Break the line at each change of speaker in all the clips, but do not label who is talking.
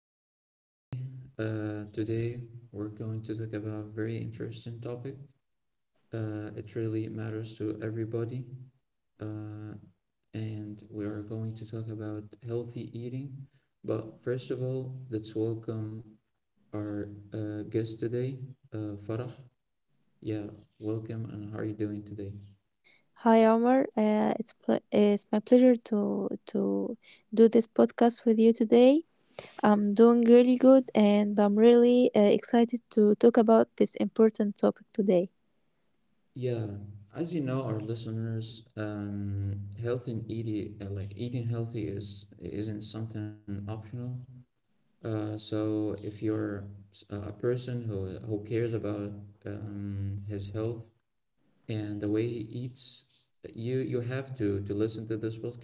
welcome everybody. Today we're going to talk about a very interesting topic. It really matters to everybody. Uh, and we are going to talk about healthy eating. But first of all, let's welcome our guest today, Farah. Yeah, welcome and how are you doing today?
Hi, Omar. It's my pleasure to do this podcast with you today. I'm doing really good, and I'm really excited to talk about this important topic today.
Yeah, as you know, our listeners, health and eating, like eating healthy is isn't something optional. So if you're a person who cares about his health and the way he eats, you have to listen to this podcast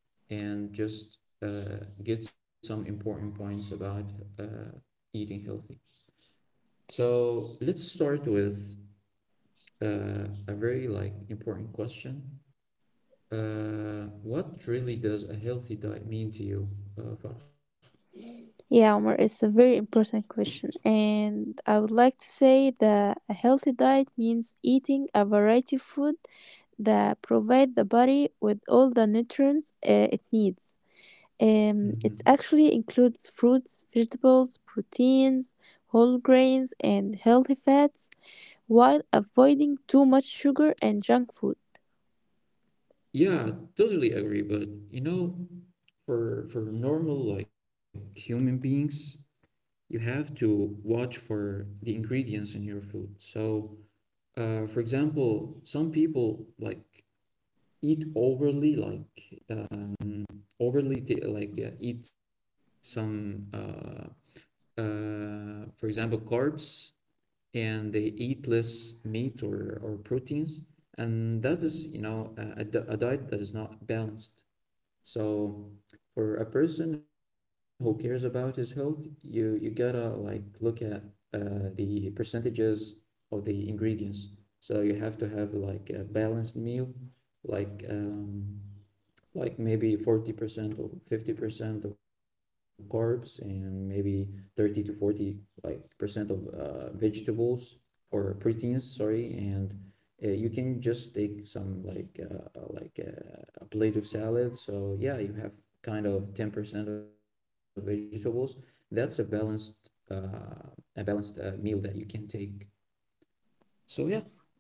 and just get some important points about uh, eating healthy. So let's start with a very important question. What really does a healthy diet mean to you, uh,
Yeah, Omar, it's a very important question, and I would like to say that a healthy diet means eating a variety of food that provide the body with all the nutrients it needs.
Farah?
It actually includes fruits, vegetables, proteins, whole grains, and healthy fats while avoiding too much sugar and junk food.
Yeah, totally agree. But you know, for normal like human beings, you have to watch for the ingredients in your food. So, for example, some people like eat overly, like overly t like eat some for example, carbs, and they eat less meat or proteins. And that is, you know, a diet that is not balanced. So for a person who cares about his health, you gotta like look at the percentages of the ingredients. So you have to have like a balanced meal, like um, like maybe 40% or 50% of carbs and maybe 30 to 40 like percent of vegetables or proteins sorry and you can just take some a plate of salad, so yeah, you have kind of 10% of vegetables. That's a balanced meal that you can take. So yeah.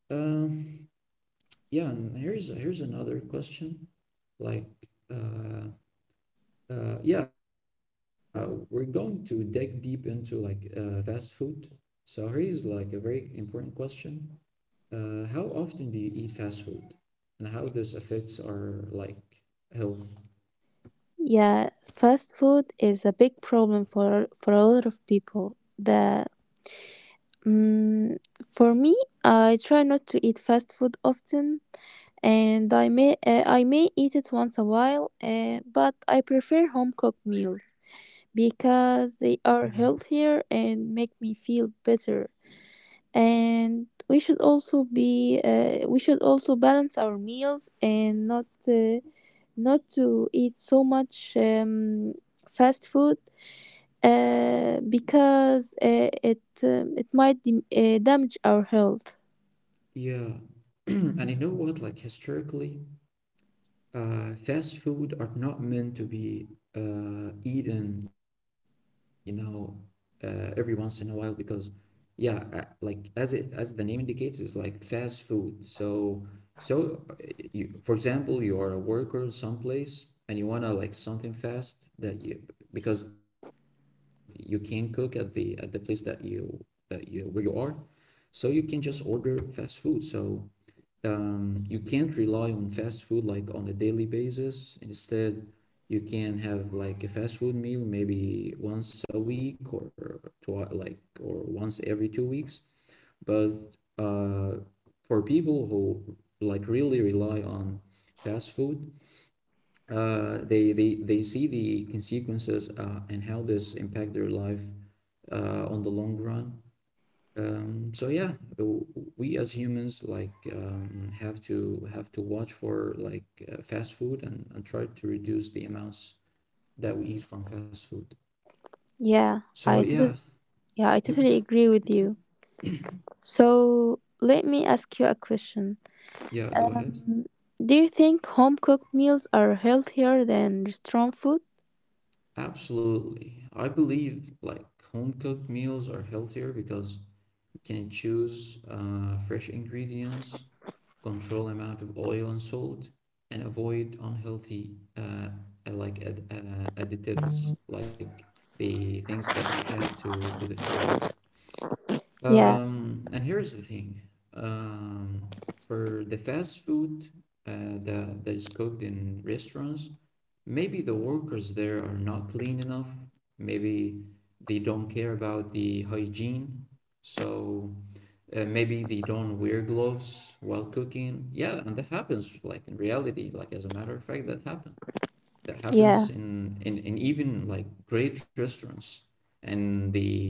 um yeah and Here's another question, like uh, uh, yeah, we're going to dig deep into fast food. So here is like a very important question. How often do you eat fast food, and how this affects our like health?
Yeah, fast food is a big problem for a lot of people. Mm, for me, I try not to eat fast food often, and I may eat it once a while, but I prefer home cooked meals
Mhm.
because they are healthier and make me feel better, and we should also balance our meals and not to eat so much fast food because it might damage our health.
Yeah, and you know what? Like historically, fast food are not meant to be eaten, you know, every once in a while because, yeah, like as the name indicates, it's like fast food. So, you, for example, you are a worker someplace and you wanna like something fast that you because you can't cook at the place that you where you are, so you can just order fast food. You can't rely on fast food like on a daily basis. Instead, you can have like a fast food meal maybe once a week or once every 2 weeks. But uh, for people who like really rely on fast food, they see the consequences and how this impact their life on the long run. So yeah, we as humans have to watch for like fast food and try to reduce the amounts that we eat from fast food.
Yeah,
So yeah.
yeah, I
Yep,
totally agree with you. So let me ask you a question.
yeah, go ahead.
Um, do you think home cooked meals are healthier than restaurant food?
Absolutely. I believe like home cooked meals are healthier because can choose fresh ingredients, control amount of oil and salt, and avoid unhealthy uh, like ad additives, like the things that you add to the food.
Yeah,
And here's the thing. Um, for the fast food that is cooked in restaurants, maybe the workers there are not clean enough. Maybe they don't care about the hygiene. So maybe they don't wear gloves while cooking. Yeah, and that happens, like in reality, like as a matter of fact, that
yeah,
happens in even like great restaurants, and the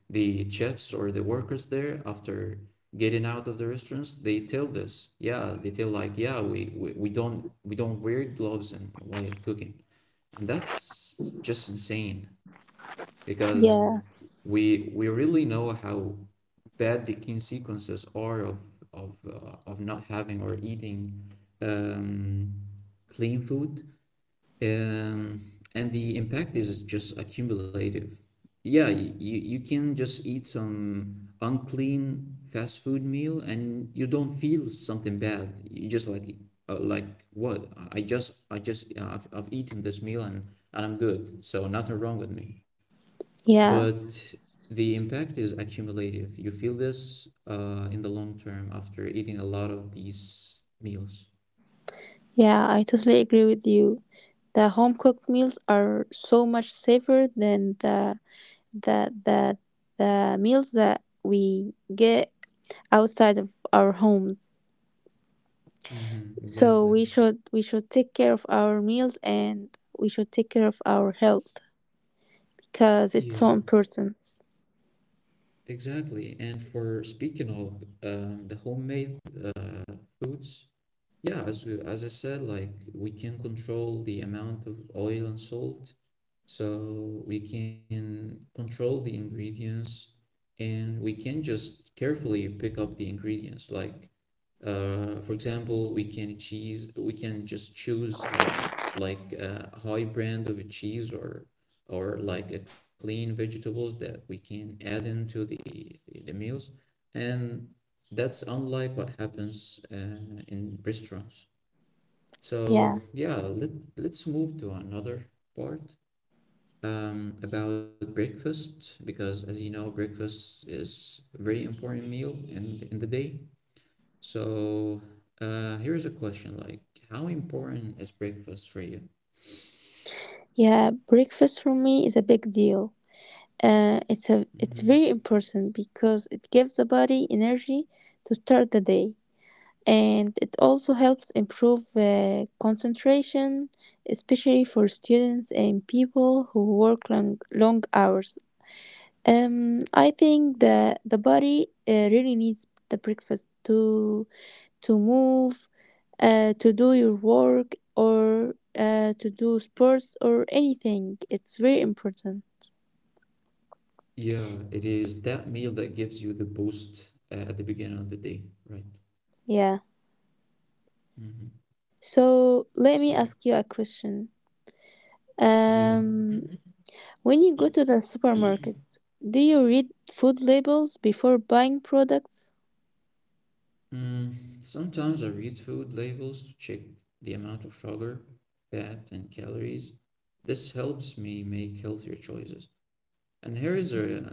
the chefs or the workers there after getting out of the restaurants they tell this. Yeah, they tell like, yeah, we don't wear gloves and while cooking, and that's just insane, because
yeah,
we really know how bad the consequences are of of not having or eating um, clean food, um, and the impact is just accumulative. Yeah, you, you can just eat some unclean fast food meal and you don't feel something bad. You just like what? I just I've eaten this meal and I'm good. So nothing wrong with me.
yeah.
But the impact is accumulative. You feel this in the long term after eating a lot of these meals.
Yeah, I totally agree with you. The home cooked meals are so much safer than the the the meals that we get outside of our homes.
Mm-hmm,
So
exactly.
we should take care of our meals and we should take care of our health because
Yeah.
it's so important.
Exactly. And for speaking of the homemade foods, yeah, as I said, like we can control the amount of oil and salt, so we can control the ingredients, and we can just carefully pick up the ingredients. Like for example, we can just choose like a high brand of a cheese or like a clean vegetables that we can add into the meals, and that's unlike what happens in restaurants. So
Yeah.
yeah, let let's move to another part about breakfast because as you know, breakfast is a very important meal in the day. So here's a question like, how important is breakfast for you?
Yeah, breakfast for me is a big deal. Uh, it's a
Mhm.
it's very important because it gives the body energy to start the day, and it also helps improve concentration, especially for students and people who work long, long hours. I think that the body really needs the breakfast to move, to do your work or to do sports or anything. It's very important.
Yeah, it is that meal that gives you the boost at the beginning of the day, right?
Yeah.
Hmm.
So
So,
let me ask you a question.
yeah.
Um, When you go to the supermarket, do you read food labels before buying products?
Mm, sometimes I read food labels to check the amount of sugar, fat, and calories. This helps me make healthier choices. And here is, a, you know,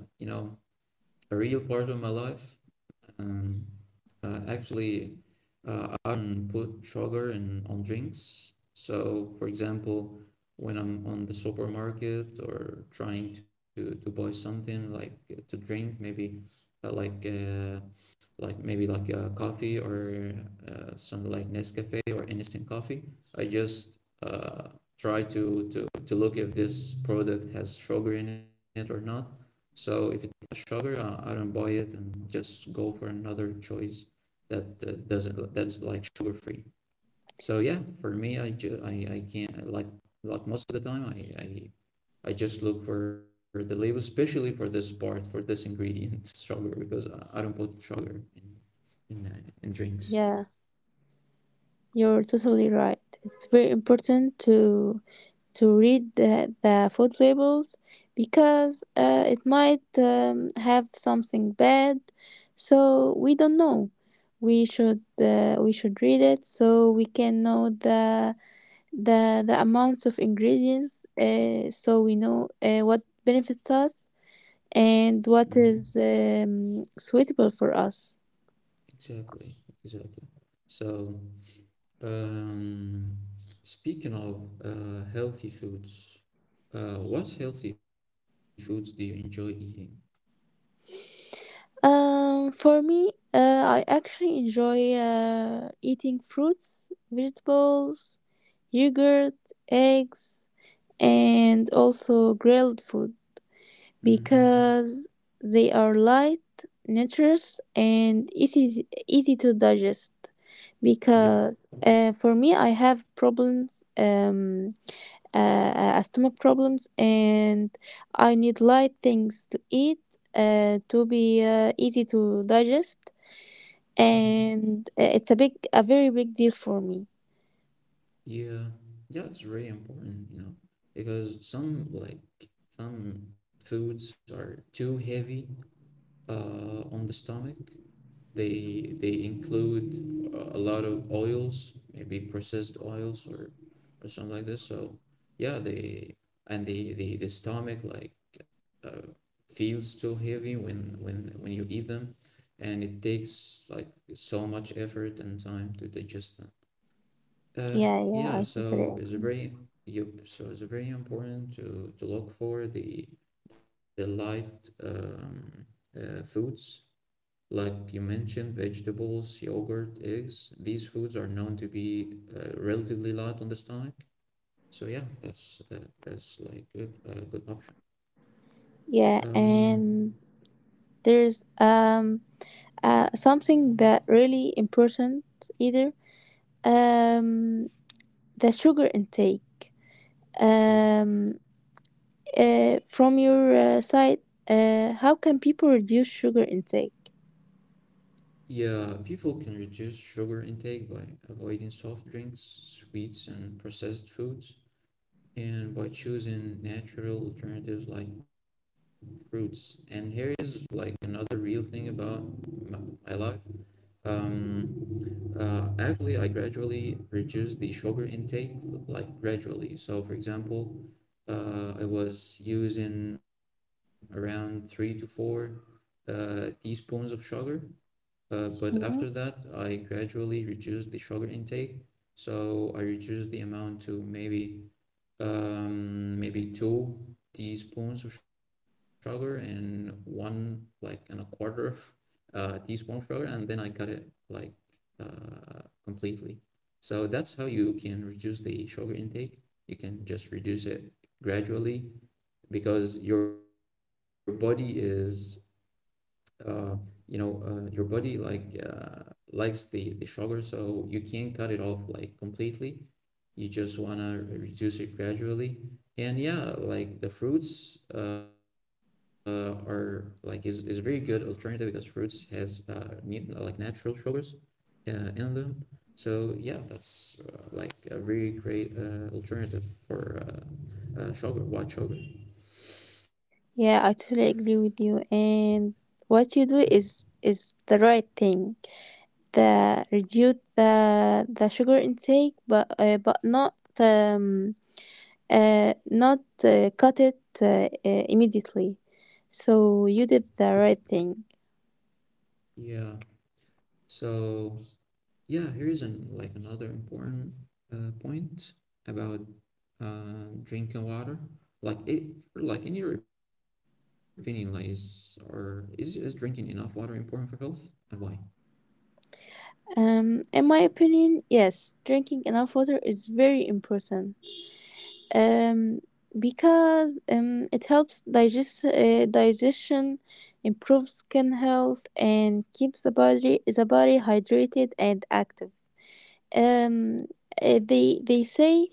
a real part of my life. Um, actually I don't put sugar in on drinks. So, for example, when I'm on the supermarket or trying to buy something like to drink, maybe uh, like uh, coffee or something like Nescafe or instant coffee. I just uh, try to look if this product has sugar in it or not. So if it has sugar, I don't buy it and just go for another choice that doesn't that's like sugar free. So yeah, for me, I can't like most of the time I just look for the label, especially for this part, for this ingredient, sugar, because I don't put sugar in in drinks.
Yeah, you're totally right. It's very important to read the food labels because it might have something bad, so we don't know. We should read it so we can know the amounts of ingredients, so we know what benefits us and
Hmm.
what is suitable for us.
Exactly, exactly. So, um, speaking of healthy foods, what healthy foods do you enjoy eating?
For me, I actually enjoy eating fruits, vegetables, yogurt, eggs, and also grilled food,
Mm-hmm.
because they are light, nutritious, and easy to digest.
Yep.
Because for me, I have uh, stomach problems, and I need light things to eat, to be easy to digest,
Hmm.
and it's a very big deal for me.
Yeah, yeah, it's very important, you know, because some like some foods are too heavy on the stomach. They include a lot of oils, maybe processed oils or something like this. So yeah, they and The the, stomach like uh, feels too heavy when when you eat them, and it takes like so much effort and time to digest them. Uh,
Yeah,
yeah,
yeah, I
so
totally
it's a
agree.
very you so it's very important to look for the light foods like you mentioned, vegetables, yogurt, eggs. These foods are known to be relatively light on the stomach. So yeah, that's like good a good option.
Yeah,
Um,
and there's something that really important, either um, the sugar intake
yeah,
um, from your side. How can people reduce sugar intake?
yeah, people can reduce sugar intake by avoiding soft drinks, sweets, and processed foods, and by choosing natural alternatives like fruits. And here is like another real thing about my, my life. Um, actually, I gradually reduced the sugar intake, like gradually. So, for example, I was using around 3 to 4 teaspoons of sugar, but
Mhm.
after that, I gradually reduced the sugar intake. So, I reduced the amount to maybe maybe 2 teaspoons of sugar and one like and a quarter teaspoon of sugar, and then I cut it like completely. So that's how you can reduce the sugar intake. You can just reduce it gradually because your body is uh, you know, your body like likes the sugar, so you can't cut it off like completely. You just wanna reduce it gradually. And yeah, like the fruits are is a very good alternative because fruits has ne like natural sugars in them. So yeah, that's like a very great alternative for sugar, white sugar.
Yeah, I totally agree with you, and what you do is the right thing. The reduce the sugar intake, but not cut it immediately, so you did the right thing.
Yeah. So yeah, here is like another important point about drinking water. Like it, like in your opinion, like is or is is drinking enough water important for health and why?
In my opinion, yes, drinking enough water is very important. Um, because it helps digestion, improves skin health, and keeps the body hydrated and active. Um, they say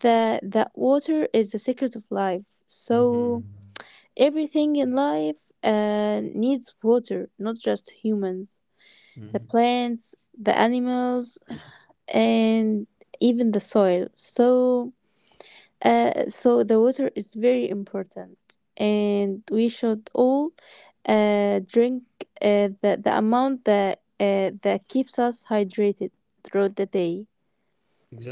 that water is the secret of life. So
Mm-hmm.
everything in life needs water, not just humans. The plants, the animals, and even the soil. So the water is very important, and we should all drink the amount that keeps us hydrated throughout the day.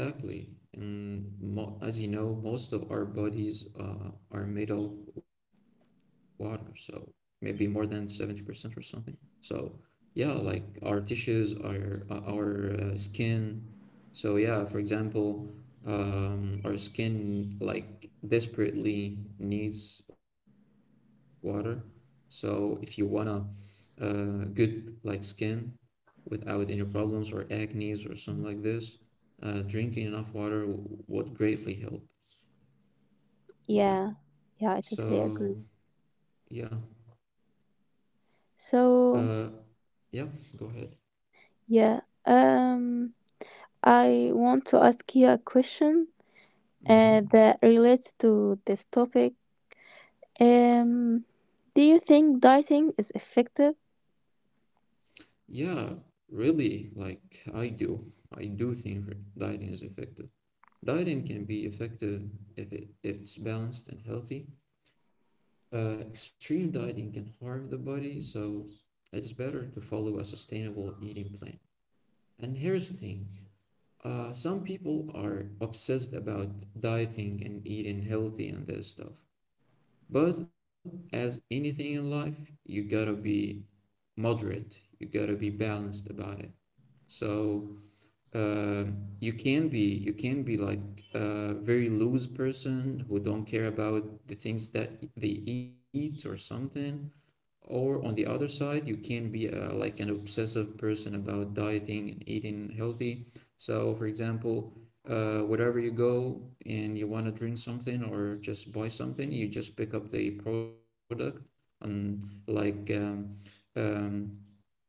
Exactly. And mo as you know, most of our bodies are made of water, so maybe more than 70% or something. So, yeah, like our tissues, our skin. So, yeah, for example, our skin like desperately needs water. So, if you wanna good like skin, without any problems or acne's or something like this, drinking enough water would greatly help.
Yeah,
Yeah.
yeah, I totally agree.
So yeah.
So,
Uh, yeah. Go ahead.
yeah, um, I want to ask you a question
Mm-hmm.
that relates to this topic. Um, do you think dieting is effective?
Yeah. Really, like I do think dieting is effective. Dieting can be effective if it's balanced and healthy. Extreme dieting can harm the body, so it's better to follow a sustainable eating plan. And here's the thing. Some people are obsessed about dieting and eating healthy and that stuff. But as anything in life, you gotta be moderate. You gotta be balanced about it. So, you can be like a very loose person who don't care about the things that they eat or something, or on the other side you can be like an obsessive person about dieting and eating healthy. So, for example, wherever you go and you want to drink something or just buy something, you just pick up the product and um,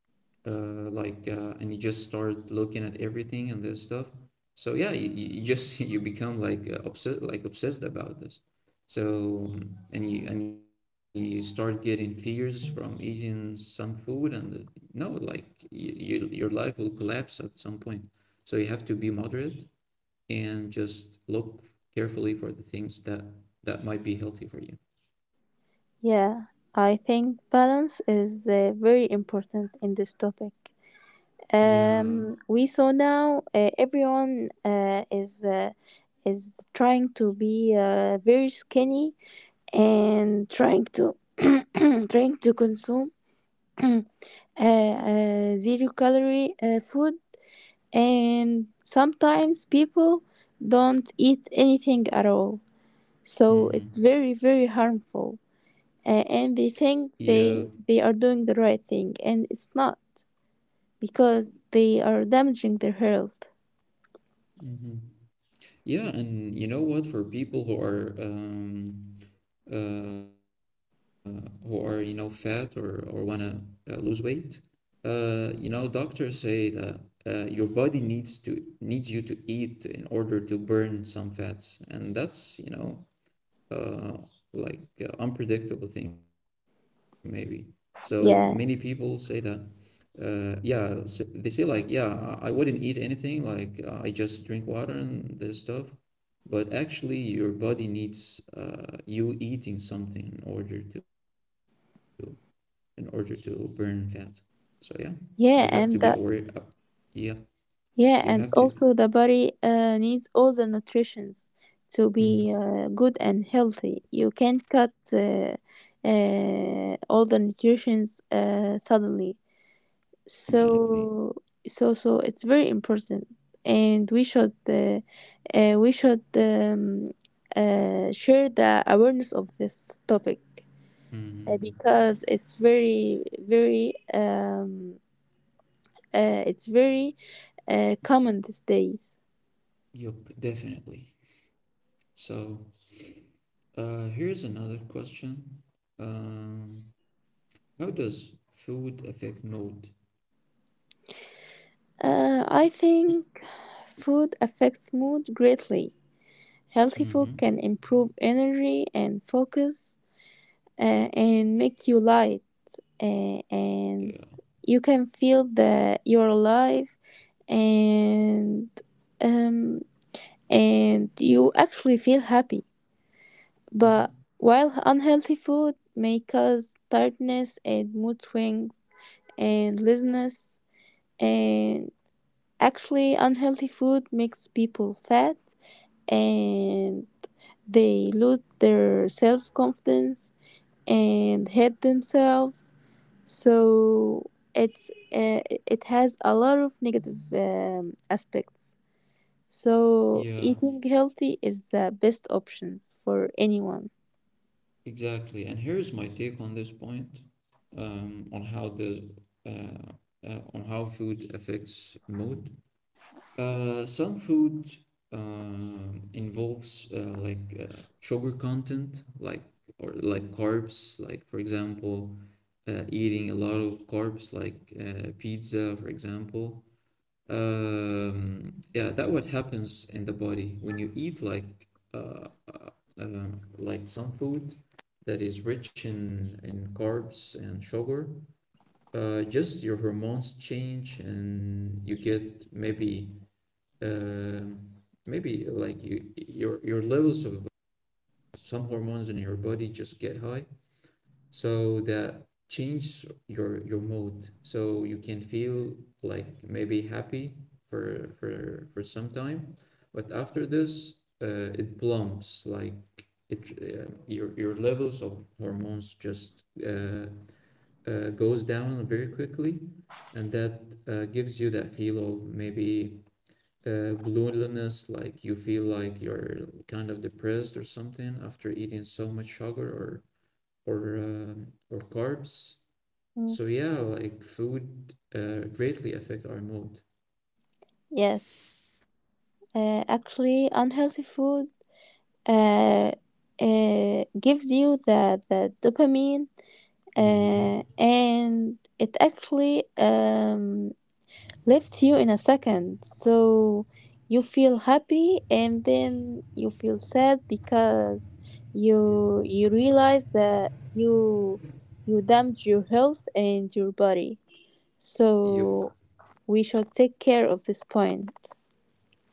you just start looking at everything and this stuff. So yeah, you just you become like obsessed, like obsessed about this. So, and you start getting fears from eating some food, and no, like, your life will collapse at some point. So you have to be moderate and just look carefully for the things that might be healthy for you.
Yeah, I think balance is very important in this topic.
Yeah.
We saw now everyone is trying to be very skinny, and trying to trying to consume uh, zero calorie food, and sometimes people don't eat anything at all. So it's very,
Mm-hmm.
very harmful, and they
Yeah.
think they are doing the right thing and it's not, because they are damaging their health.
Mm-hmm. Yeah, and you know what? For people who are uh, fat or wanna lose weight, doctors say that your body needs you to eat in order to burn some fats, and that's uh, unpredictable thing maybe. So many people
Yeah,
say that. Yeah, they say like, yeah, I wouldn't eat anything. Like, I just drink water and this stuff, but actually your body needs you eating something in order to burn fat. So yeah, you have to
yeah,
be
and
aware.
the
Yeah,
yeah
you
and
have to.
also the body needs all the nutritions to be
Mhm.
good and healthy. You can't cut all the nutritions suddenly.
Exactly.
So it's very important, and we should share the awareness of this topic,
Mm,
because it's very common these days.
yep, definitely. So, here's another question. Um, how does food affect mood?
I think food affects mood greatly. Healthy food
Mm-hmm.
can improve energy and focus, uh, and make you light, and
Yeah.
you can feel that you're alive, and um, and you actually feel happy. But
Hmm.
while unhealthy food may cause tiredness and mood swings and laziness, and actually unhealthy food makes people fat and they lose their self confidence and hate themselves. So it's uh, it has a lot of negative aspects, so
Yeah.
eating healthy is the best options for anyone.
Exactly. And here's my take on this point, um, on how the uh, on how food affects mood. Some food involves like sugar content, like, or like carbs, like, for example, eating a lot of carbs, like, pizza, for example. Yeah, that what happens in the body when you eat uh, uh, like some food that is rich in carbs and sugar. Just your hormones change and you get um maybe like your levels of some hormones in your body just get high, so that change your mood, so you can feel like maybe happy for some time, but after this, it plumps, like it your levels of hormones just goes down very quickly, and that gives you that feel of maybe blueness, like you feel like you're kind of depressed or something after eating so much sugar or carbs. So
Mm,
yeah, like food greatly affect our mood.
yes. Actually unhealthy food uh, gives you the dopamine,
Mm-hmm.
and it actually lifts you in a second. So you feel happy and then you feel sad because
Yeah.
you realize that you damage your health and your body.
Yep.
So we should take care of this point.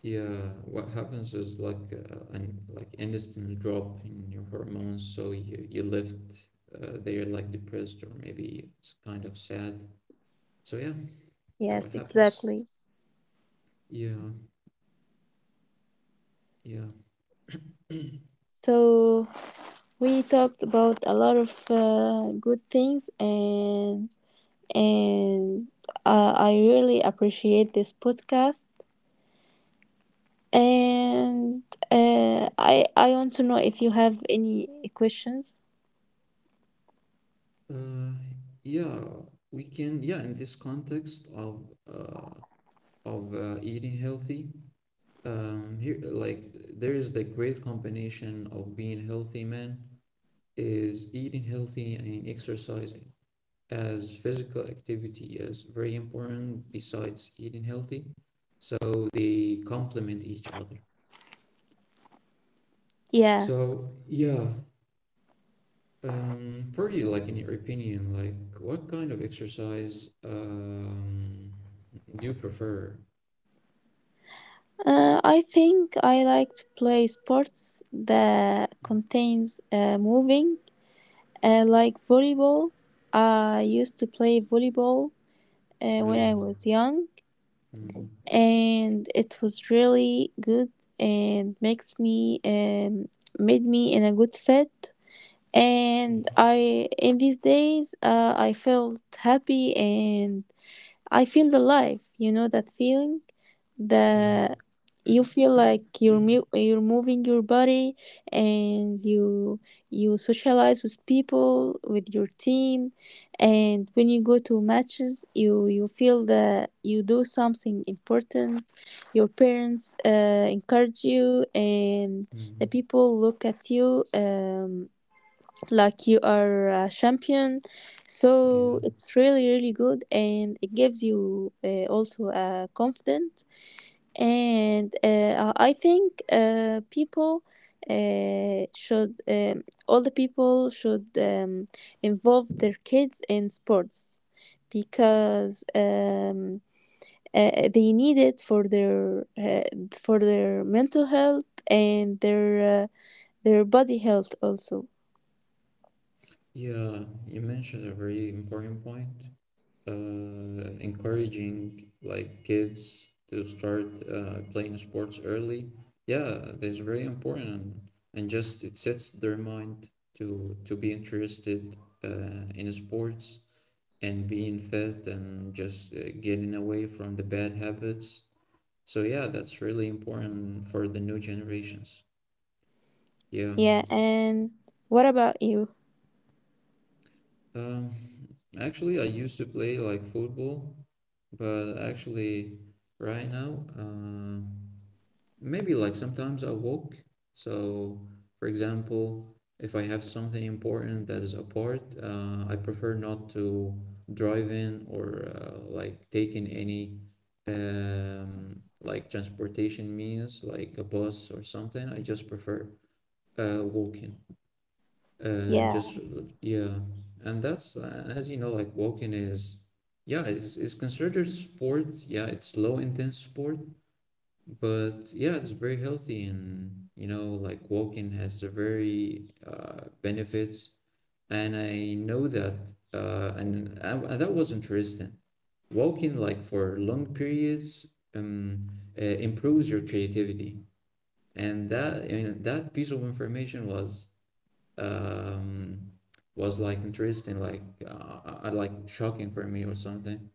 Yeah. What happens is like an, like, instant drop in your hormones, so you left there like depressed or maybe it's kind of sad. So yeah, that
Yes,
what happens.
exactly.
Yeah. Yeah.
So we talked about a lot of good things, and I really appreciate this podcast. And I want to know if you have any questions.
Uh, yeah. We can. Yeah, in this context of eating healthy. Here, like, there is the great combination of being healthy, man, is eating healthy and exercising, as physical activity is very important besides eating healthy. So they complement each other.
Yeah.
So, yeah, for you, like, in your opinion, like, what kind of exercise do you prefer?
I think I like to play sports that contains moving, like volleyball. I used to play volleyball when I
Really?
was young,
Mm-hmm.
and it was really good and makes me made me in a good fit. And I in these days I felt happy and I feel alive. You know that feeling?
Yeah.
The you feel like you're mu- you're moving your body, and you socialize with people with your team, and when you go to matches you feel that you do something important. Your parents encourage you, and the
Mhm.
people look at you like you are a champion. So
Yeah.
it's really, really good, and it gives you also confidence. And I think all the people should involve their kids in sports, because they need it for their mental health and their body health also.
Yeah, you mentioned a very important point. Encouraging like kids to start playing sports early. Yeah, that's very important, and just it sets their mind to be interested in sports and being fit and just getting away from the bad habits. So yeah, that's really important for the new generations. Yeah.
Yeah, and what about you?
Um, Actually, I used to play like football. But actually, right now, maybe like sometimes I walk. So, for example, if I have something important that is apart, I prefer not to drive in or like taking any like transportation means like a bus or something. I just prefer walking.
Yeah,
Just Yeah, and that's and as you know, like walking is, yeah, it's considered sport. Yeah, it's low intense sport, but yeah, it's very healthy, and like walking has a very benefits. And I know that, and that was interesting. Walking like for long periods um, improves your creativity, and that piece of information was um, like interesting, like shocking for me or something.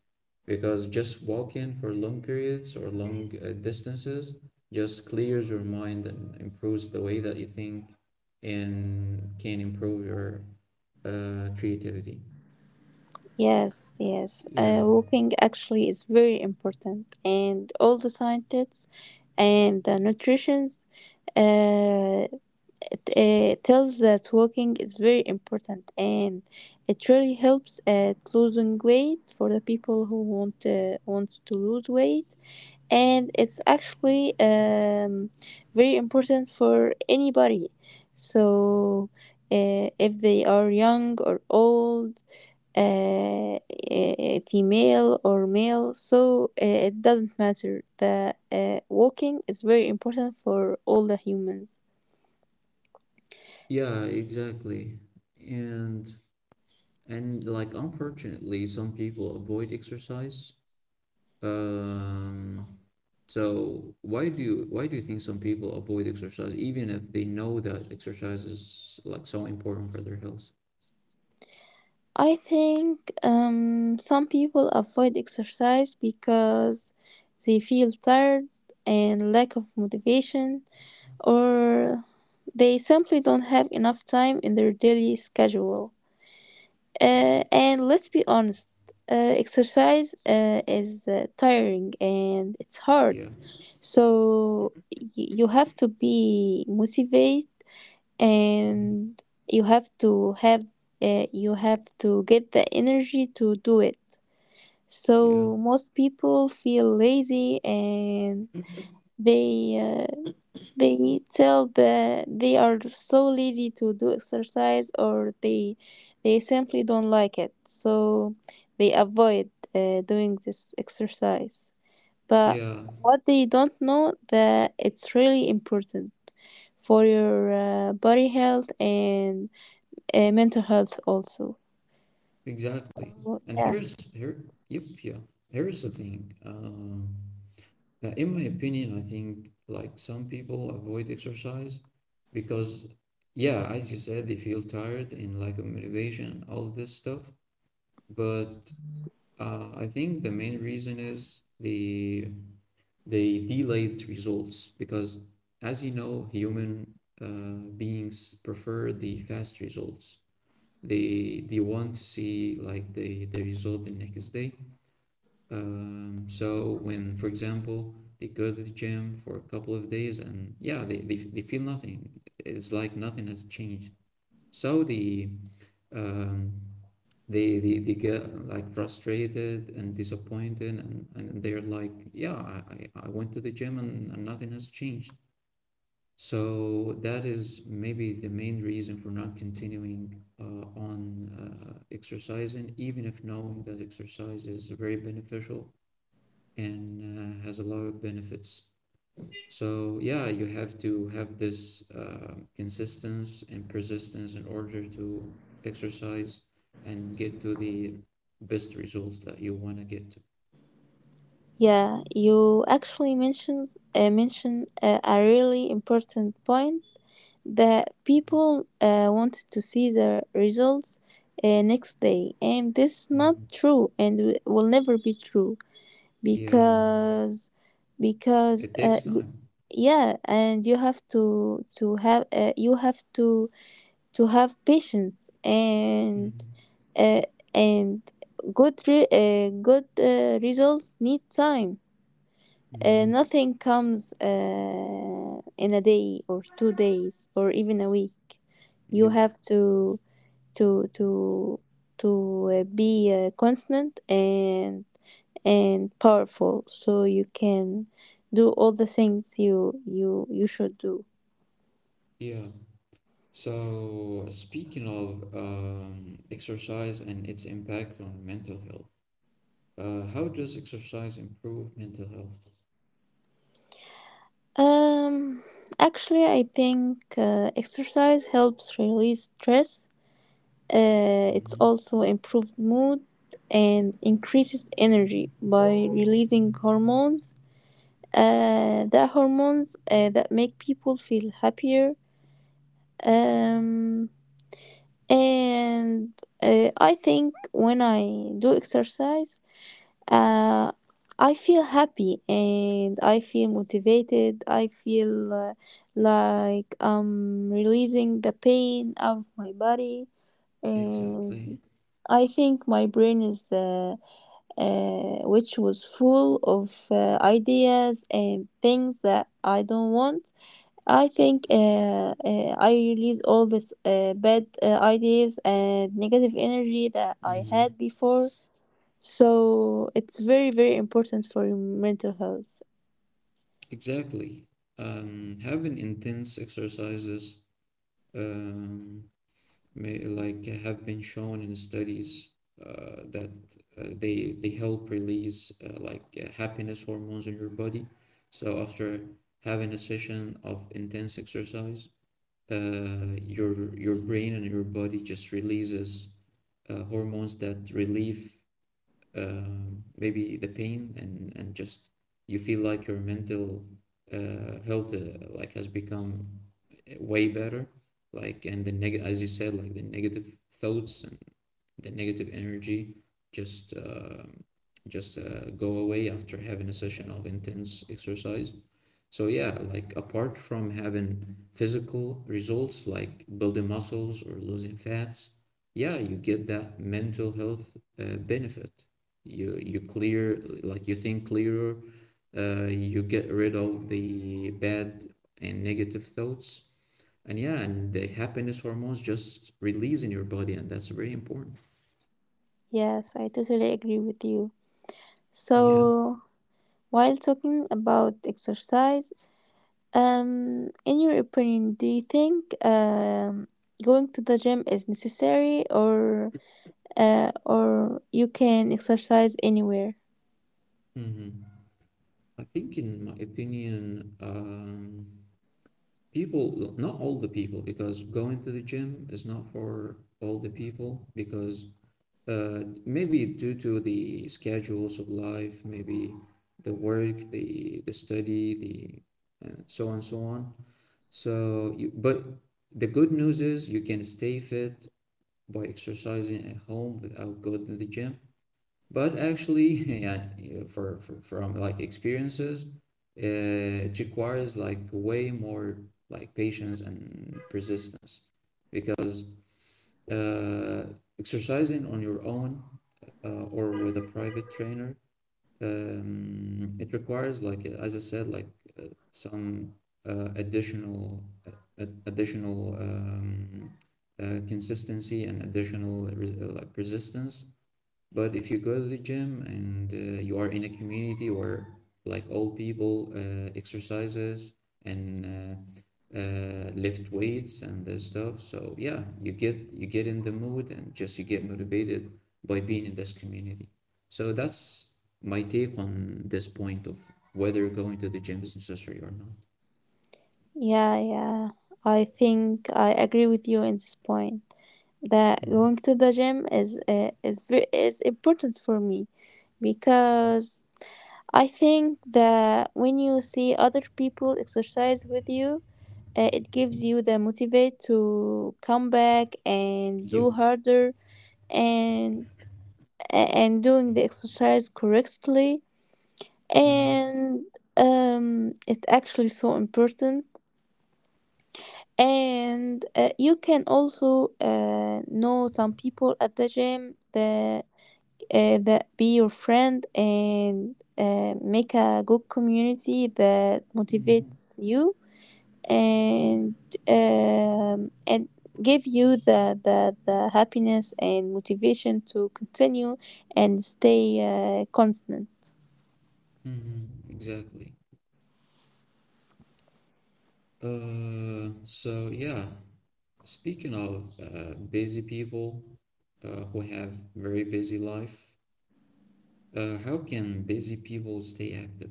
Because just walking for long periods or long distances just clears your mind and improves the way that you think and can improve your creativity.
yes, yes.
Yeah,
Walking actually is very important, and all the scientists and the nutrition uh, tells that walking is very important, and it really helps at losing weight for the people who wants to lose weight, and it's actually very important for anybody. So, if they are young or old, uh, female or male, so it doesn't matter. The Walking is very important for all the humans.
yeah, exactly. And and like, unfortunately, some people avoid exercise. Um, So, why do you think some people avoid exercise even if they know that exercise is like so important for their health?
I think some people avoid exercise because they feel tired and lack of motivation, or they simply don't have enough time in their daily schedule. Uh,
Mhm.
and let's be honest, exercise is tiring and it's hard.
Yeah,
So you have to be motivated, and you have to have you have to get the energy to do it.
yeah,
So most people feel lazy, and they uh, they tell that they are so lazy to do exercise, or they simply don't like it, so they avoid doing this exercise. But
yeah,
what they don't know that it's really important for your body health and mental health also.
exactly.
So
And
yeah,
here's here, yep, yeah. Here's the thing. In my opinion, I think like some people avoid exercise because, yeah, as you said, they feel tired and lack of motivation, all this stuff. But I think the main reason is they delayed results because, as you know, human beings prefer the fast results. They want to see like the result the next day. So when, for example, they go to the gym for a couple of days and, yeah, they feel nothing. It's like nothing has changed. So um, they get like frustrated and disappointed, and they're like, yeah, I went to the gym, and nothing has changed. So that is maybe the main reason for not continuing on exercising, even if knowing that exercise is very beneficial and has a lot of benefits. So yeah, you have to have this consistency and persistence in order to exercise and get to the best results that you want to get to.
yeah, you actually mention a really important point. The people wanted to see the results next day, and this is not
Mhm.
true, and will never be true.
Yeah,
because because
it
uh,
takes
y-
time.
yeah, and you have to have patience, and uh, and good good results need time.
Mm-hmm.
Nothing comes in a day or 2 days or even a week. You
Yep.
have to to to be constant and powerful, so you can do all the things you should do.
Yeah. So speaking of exercise and its impact on mental health, how does exercise improve mental health?
Um, actually, I think exercise helps release stress. It
Mhm.
also improves mood and increases energy by releasing hormones, the hormones that make people feel happier. Um, and I think when I do exercise, uh, I feel happy and I feel motivated. I feel like I'm releasing the pain out of my body, and
Exactly.
I think my brain is, which was full of ideas and things that I don't want. I think I release all this bad ideas and negative energy that I
Mm-hmm.
had before. So it's very, very important for your mental health.
Exactly. Having intense exercises um, may, like, have been shown in studies that they help release like happiness hormones in your body. So after having a session of intense exercise, your brain and your body just releases hormones that relieve maybe the pain, and just you feel like your mental health, like, has become way better. Like, and the neg as you said, like, the negative thoughts and the negative energy just uh, just go away after having a session of intense exercise. So yeah, like, apart from having physical results like building muscles or losing fats, yeah, you get that mental health benefit. You you clear like you think clearer, you get rid of the bad and negative thoughts, and yeah, and the happiness hormones just release in your body, and that's very important.
Yes, I totally agree with you.
Yeah.
So while talking about exercise, in your opinion, do you think going to the gym is necessary, or you can exercise anywhere?
Hmm. I think, in my opinion, people, not all the people, because going to the gym is not for all the people, because maybe due to the schedules of life, maybe the work, the study, the so on, so on. So, but the good news is you can stay fit by exercising at home without going to the gym. But actually, yeah, for from like experiences, it requires like way more like patience and persistence, because uh, exercising on your own or with a private trainer, it requires, like, as I said, like, uh, some uh, additional uh, additional consistency and additional like persistence. But if you go to the gym, and you are in a community where like old people exercises and lift weights and this stuff, so yeah, you get in the mood and just you get motivated by being in this community. So that's my take on this point of whether going to the gym is necessary or not.
Yeah, yeah. I think I agree with you in this point that
Mm.
going to the gym is very, is important for me, because I think that when you see other people exercise with you, it gives you the motivate to come back and do
You.
harder, and and doing the exercise correctly,
Mhm.
and it's actually so important. And you can also know some people at the gym that that be your friend and make a good community that
Mhm.
motivates you, and and give you the, the happiness and motivation to continue and stay constant.
Mhm. Exactly. So yeah, speaking of busy people who have very busy life, how can busy people stay active?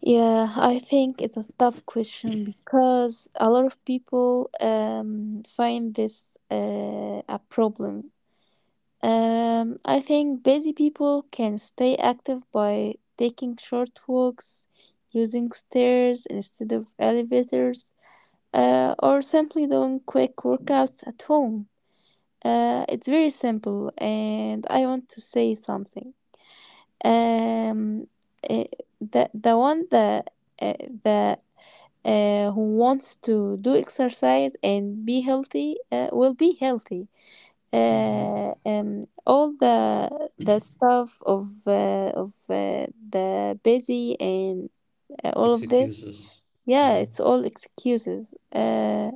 Yeah, I think it's a tough question because a lot of people find this a problem. I think busy people can stay active by taking short walks, using stairs instead of elevators, or simply doing quick workouts at home. It's very simple, and I want to say something. Um, eh, the one that uh, that who wants to do exercise and be healthy will be healthy.
Hmm.
Uh, um, all the stuff of the busy and all of this,
Excuses.
yeah,
Mhm,
it's all excuses.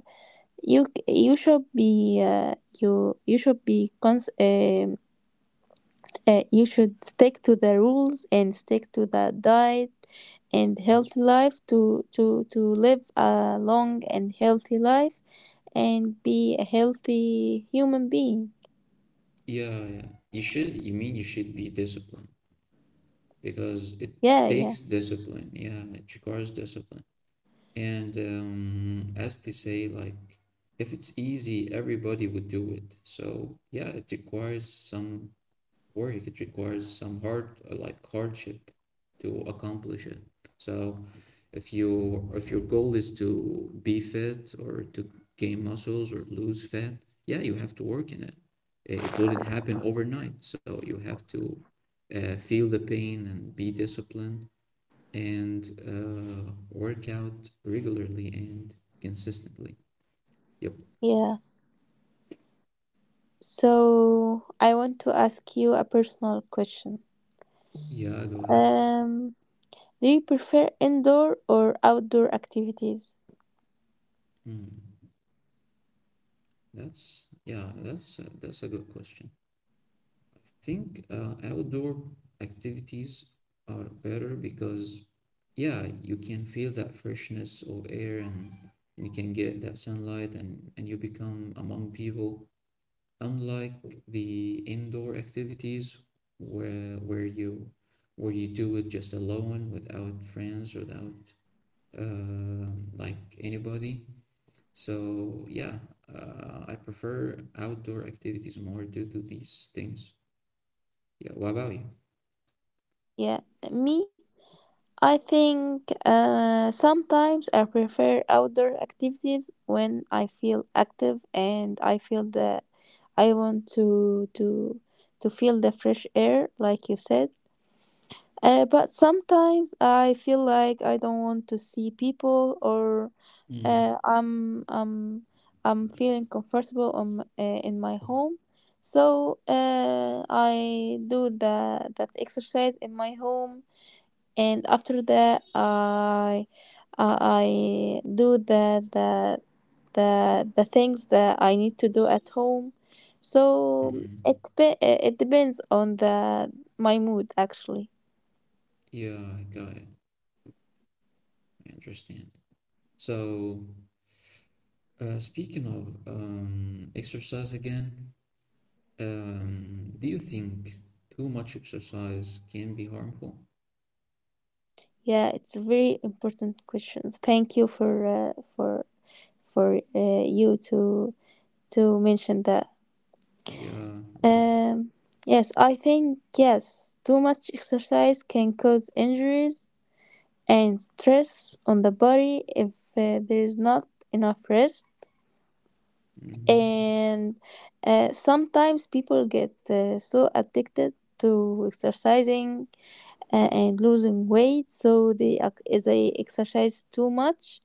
you should be you you should be you should stick to the rules and stick to the diet and
mhm.
healthy life to live a long and healthy life and be a healthy human being.
Yeah, yeah. You mean you should be disciplined, because it
Yeah, yeah,
takes discipline. Yeah, it requires discipline. And as they say, like, if it's easy, everybody would do it. So, yeah, it requires some hard, like, hardship to accomplish it. So if your goal is to be fit or to gain muscles or lose fat, yeah, you have to work in it. It wouldn't happen overnight, so you have to feel the pain and be disciplined and work out regularly and consistently. Yep.
yeah. So I want to ask you a personal question.
Yeah, go ahead.
Um, do you prefer indoor or outdoor activities?
Hmm. that's yeah that's a good question. I think outdoor activities are better because, yeah, you can feel that freshness of air and you can get that sunlight, and you become among people. Unlike the indoor activities, where where you where you do it just alone without friends, without like, anybody. So yeah, I prefer outdoor activities more due to these things. Yeah, what about you?
Yeah. Me, I think sometimes I prefer outdoor activities when I feel active and I feel that I want to feel the fresh air, like you said. But sometimes I feel like I don't want to see people, or
Mm,
uh, I'm feeling comfortable on, in my home. So I do the that exercise in my home, and after that I I do the things that I need to do at home. So
mm.
it it depends on the my mood actually.
Yeah, I got it. I understand. So, speaking of exercise again, do you think too much exercise can be harmful?
Yeah, it's a very important question. Thank you for you to mention that.
Yeah, welcome.
Um, yes, I think yes, too much exercise can cause injuries and stress on the body if there is not enough rest.
Mm-hmm.
And sometimes people get so addicted to exercising and losing weight, so they exercise too much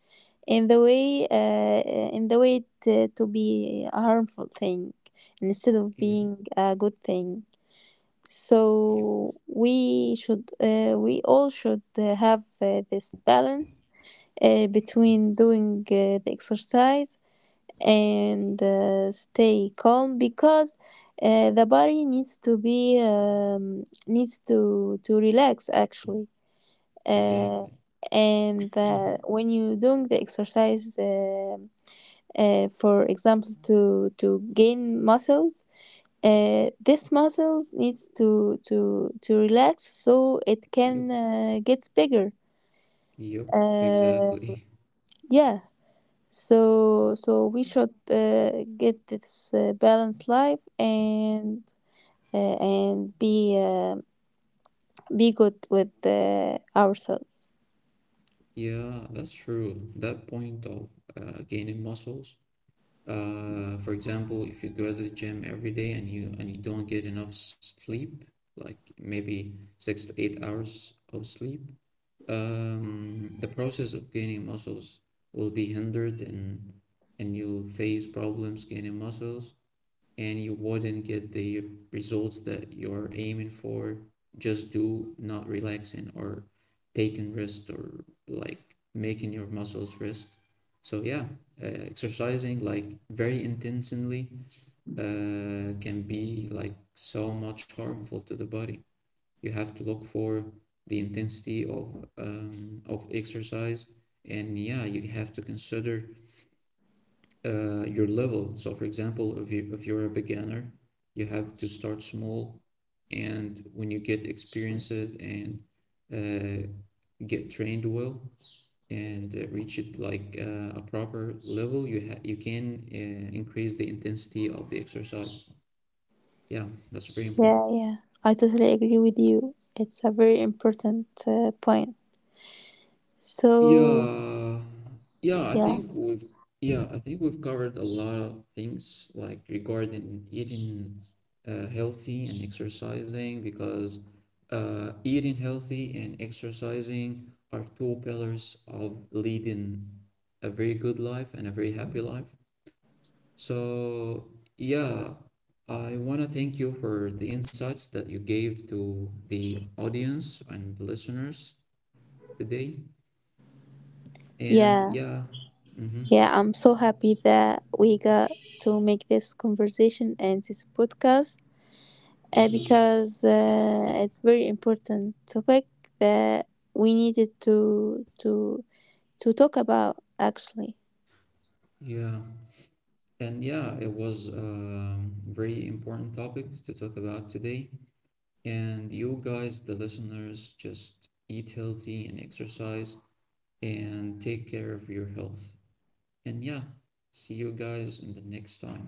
in the way uh, in the way to be a harmful thing instead of
Yeah,
being a good thing. So we all should have this balance between doing the exercise and stay calm, because the body needs to be needs to relax actually. Uh,
exactly.
and when you doing the exercise for example to gain muscles, this muscles needs to relax so it
Yep,
can get bigger.
yep,
Uh,
exactly.
yeah. So so we should get this balanced life and be good with ourselves.
Yeah, that's true. That point of gaining muscles. For example, if you go to the gym every day and you don't get enough sleep, like maybe 6 to 8 hours of sleep, the process of gaining muscles will be hindered, and you'll face problems gaining muscles, and you wouldn't get the results that you're aiming for, just do not relaxing or taking rest or like making your muscles rest. So yeah, exercising like very intensely can be like so much harmful to the body. You have to look for the intensity of exercise, and yeah, you have to consider your level. So, for example, if you're a beginner, you have to start small, and when you get experienced and uh, get trained well and reach it like a proper level, you can increase the intensity of the exercise. Yeah, that's very important.
Yeah, yeah. I totally agree with you. It's a very important point. So
Yeah, yeah, I
yeah,
think we've yeah, I think we've covered a lot of things like regarding eating healthy and exercising, because eating healthy and exercising are 2 pillars of leading a very good life and a very happy life. So yeah, I want to thank you for the insights that you gave to the audience and the listeners today. And
yeah,
yeah, mm-hmm,
yeah. I'm so happy that we got to make this conversation and this podcast
yeah,
because it's very important topic that we needed to talk about actually.
yeah, and yeah, it was a very important topic to talk about today. And you guys, the listeners, just eat healthy and exercise and take care of your health. And yeah, see you guys in the next time.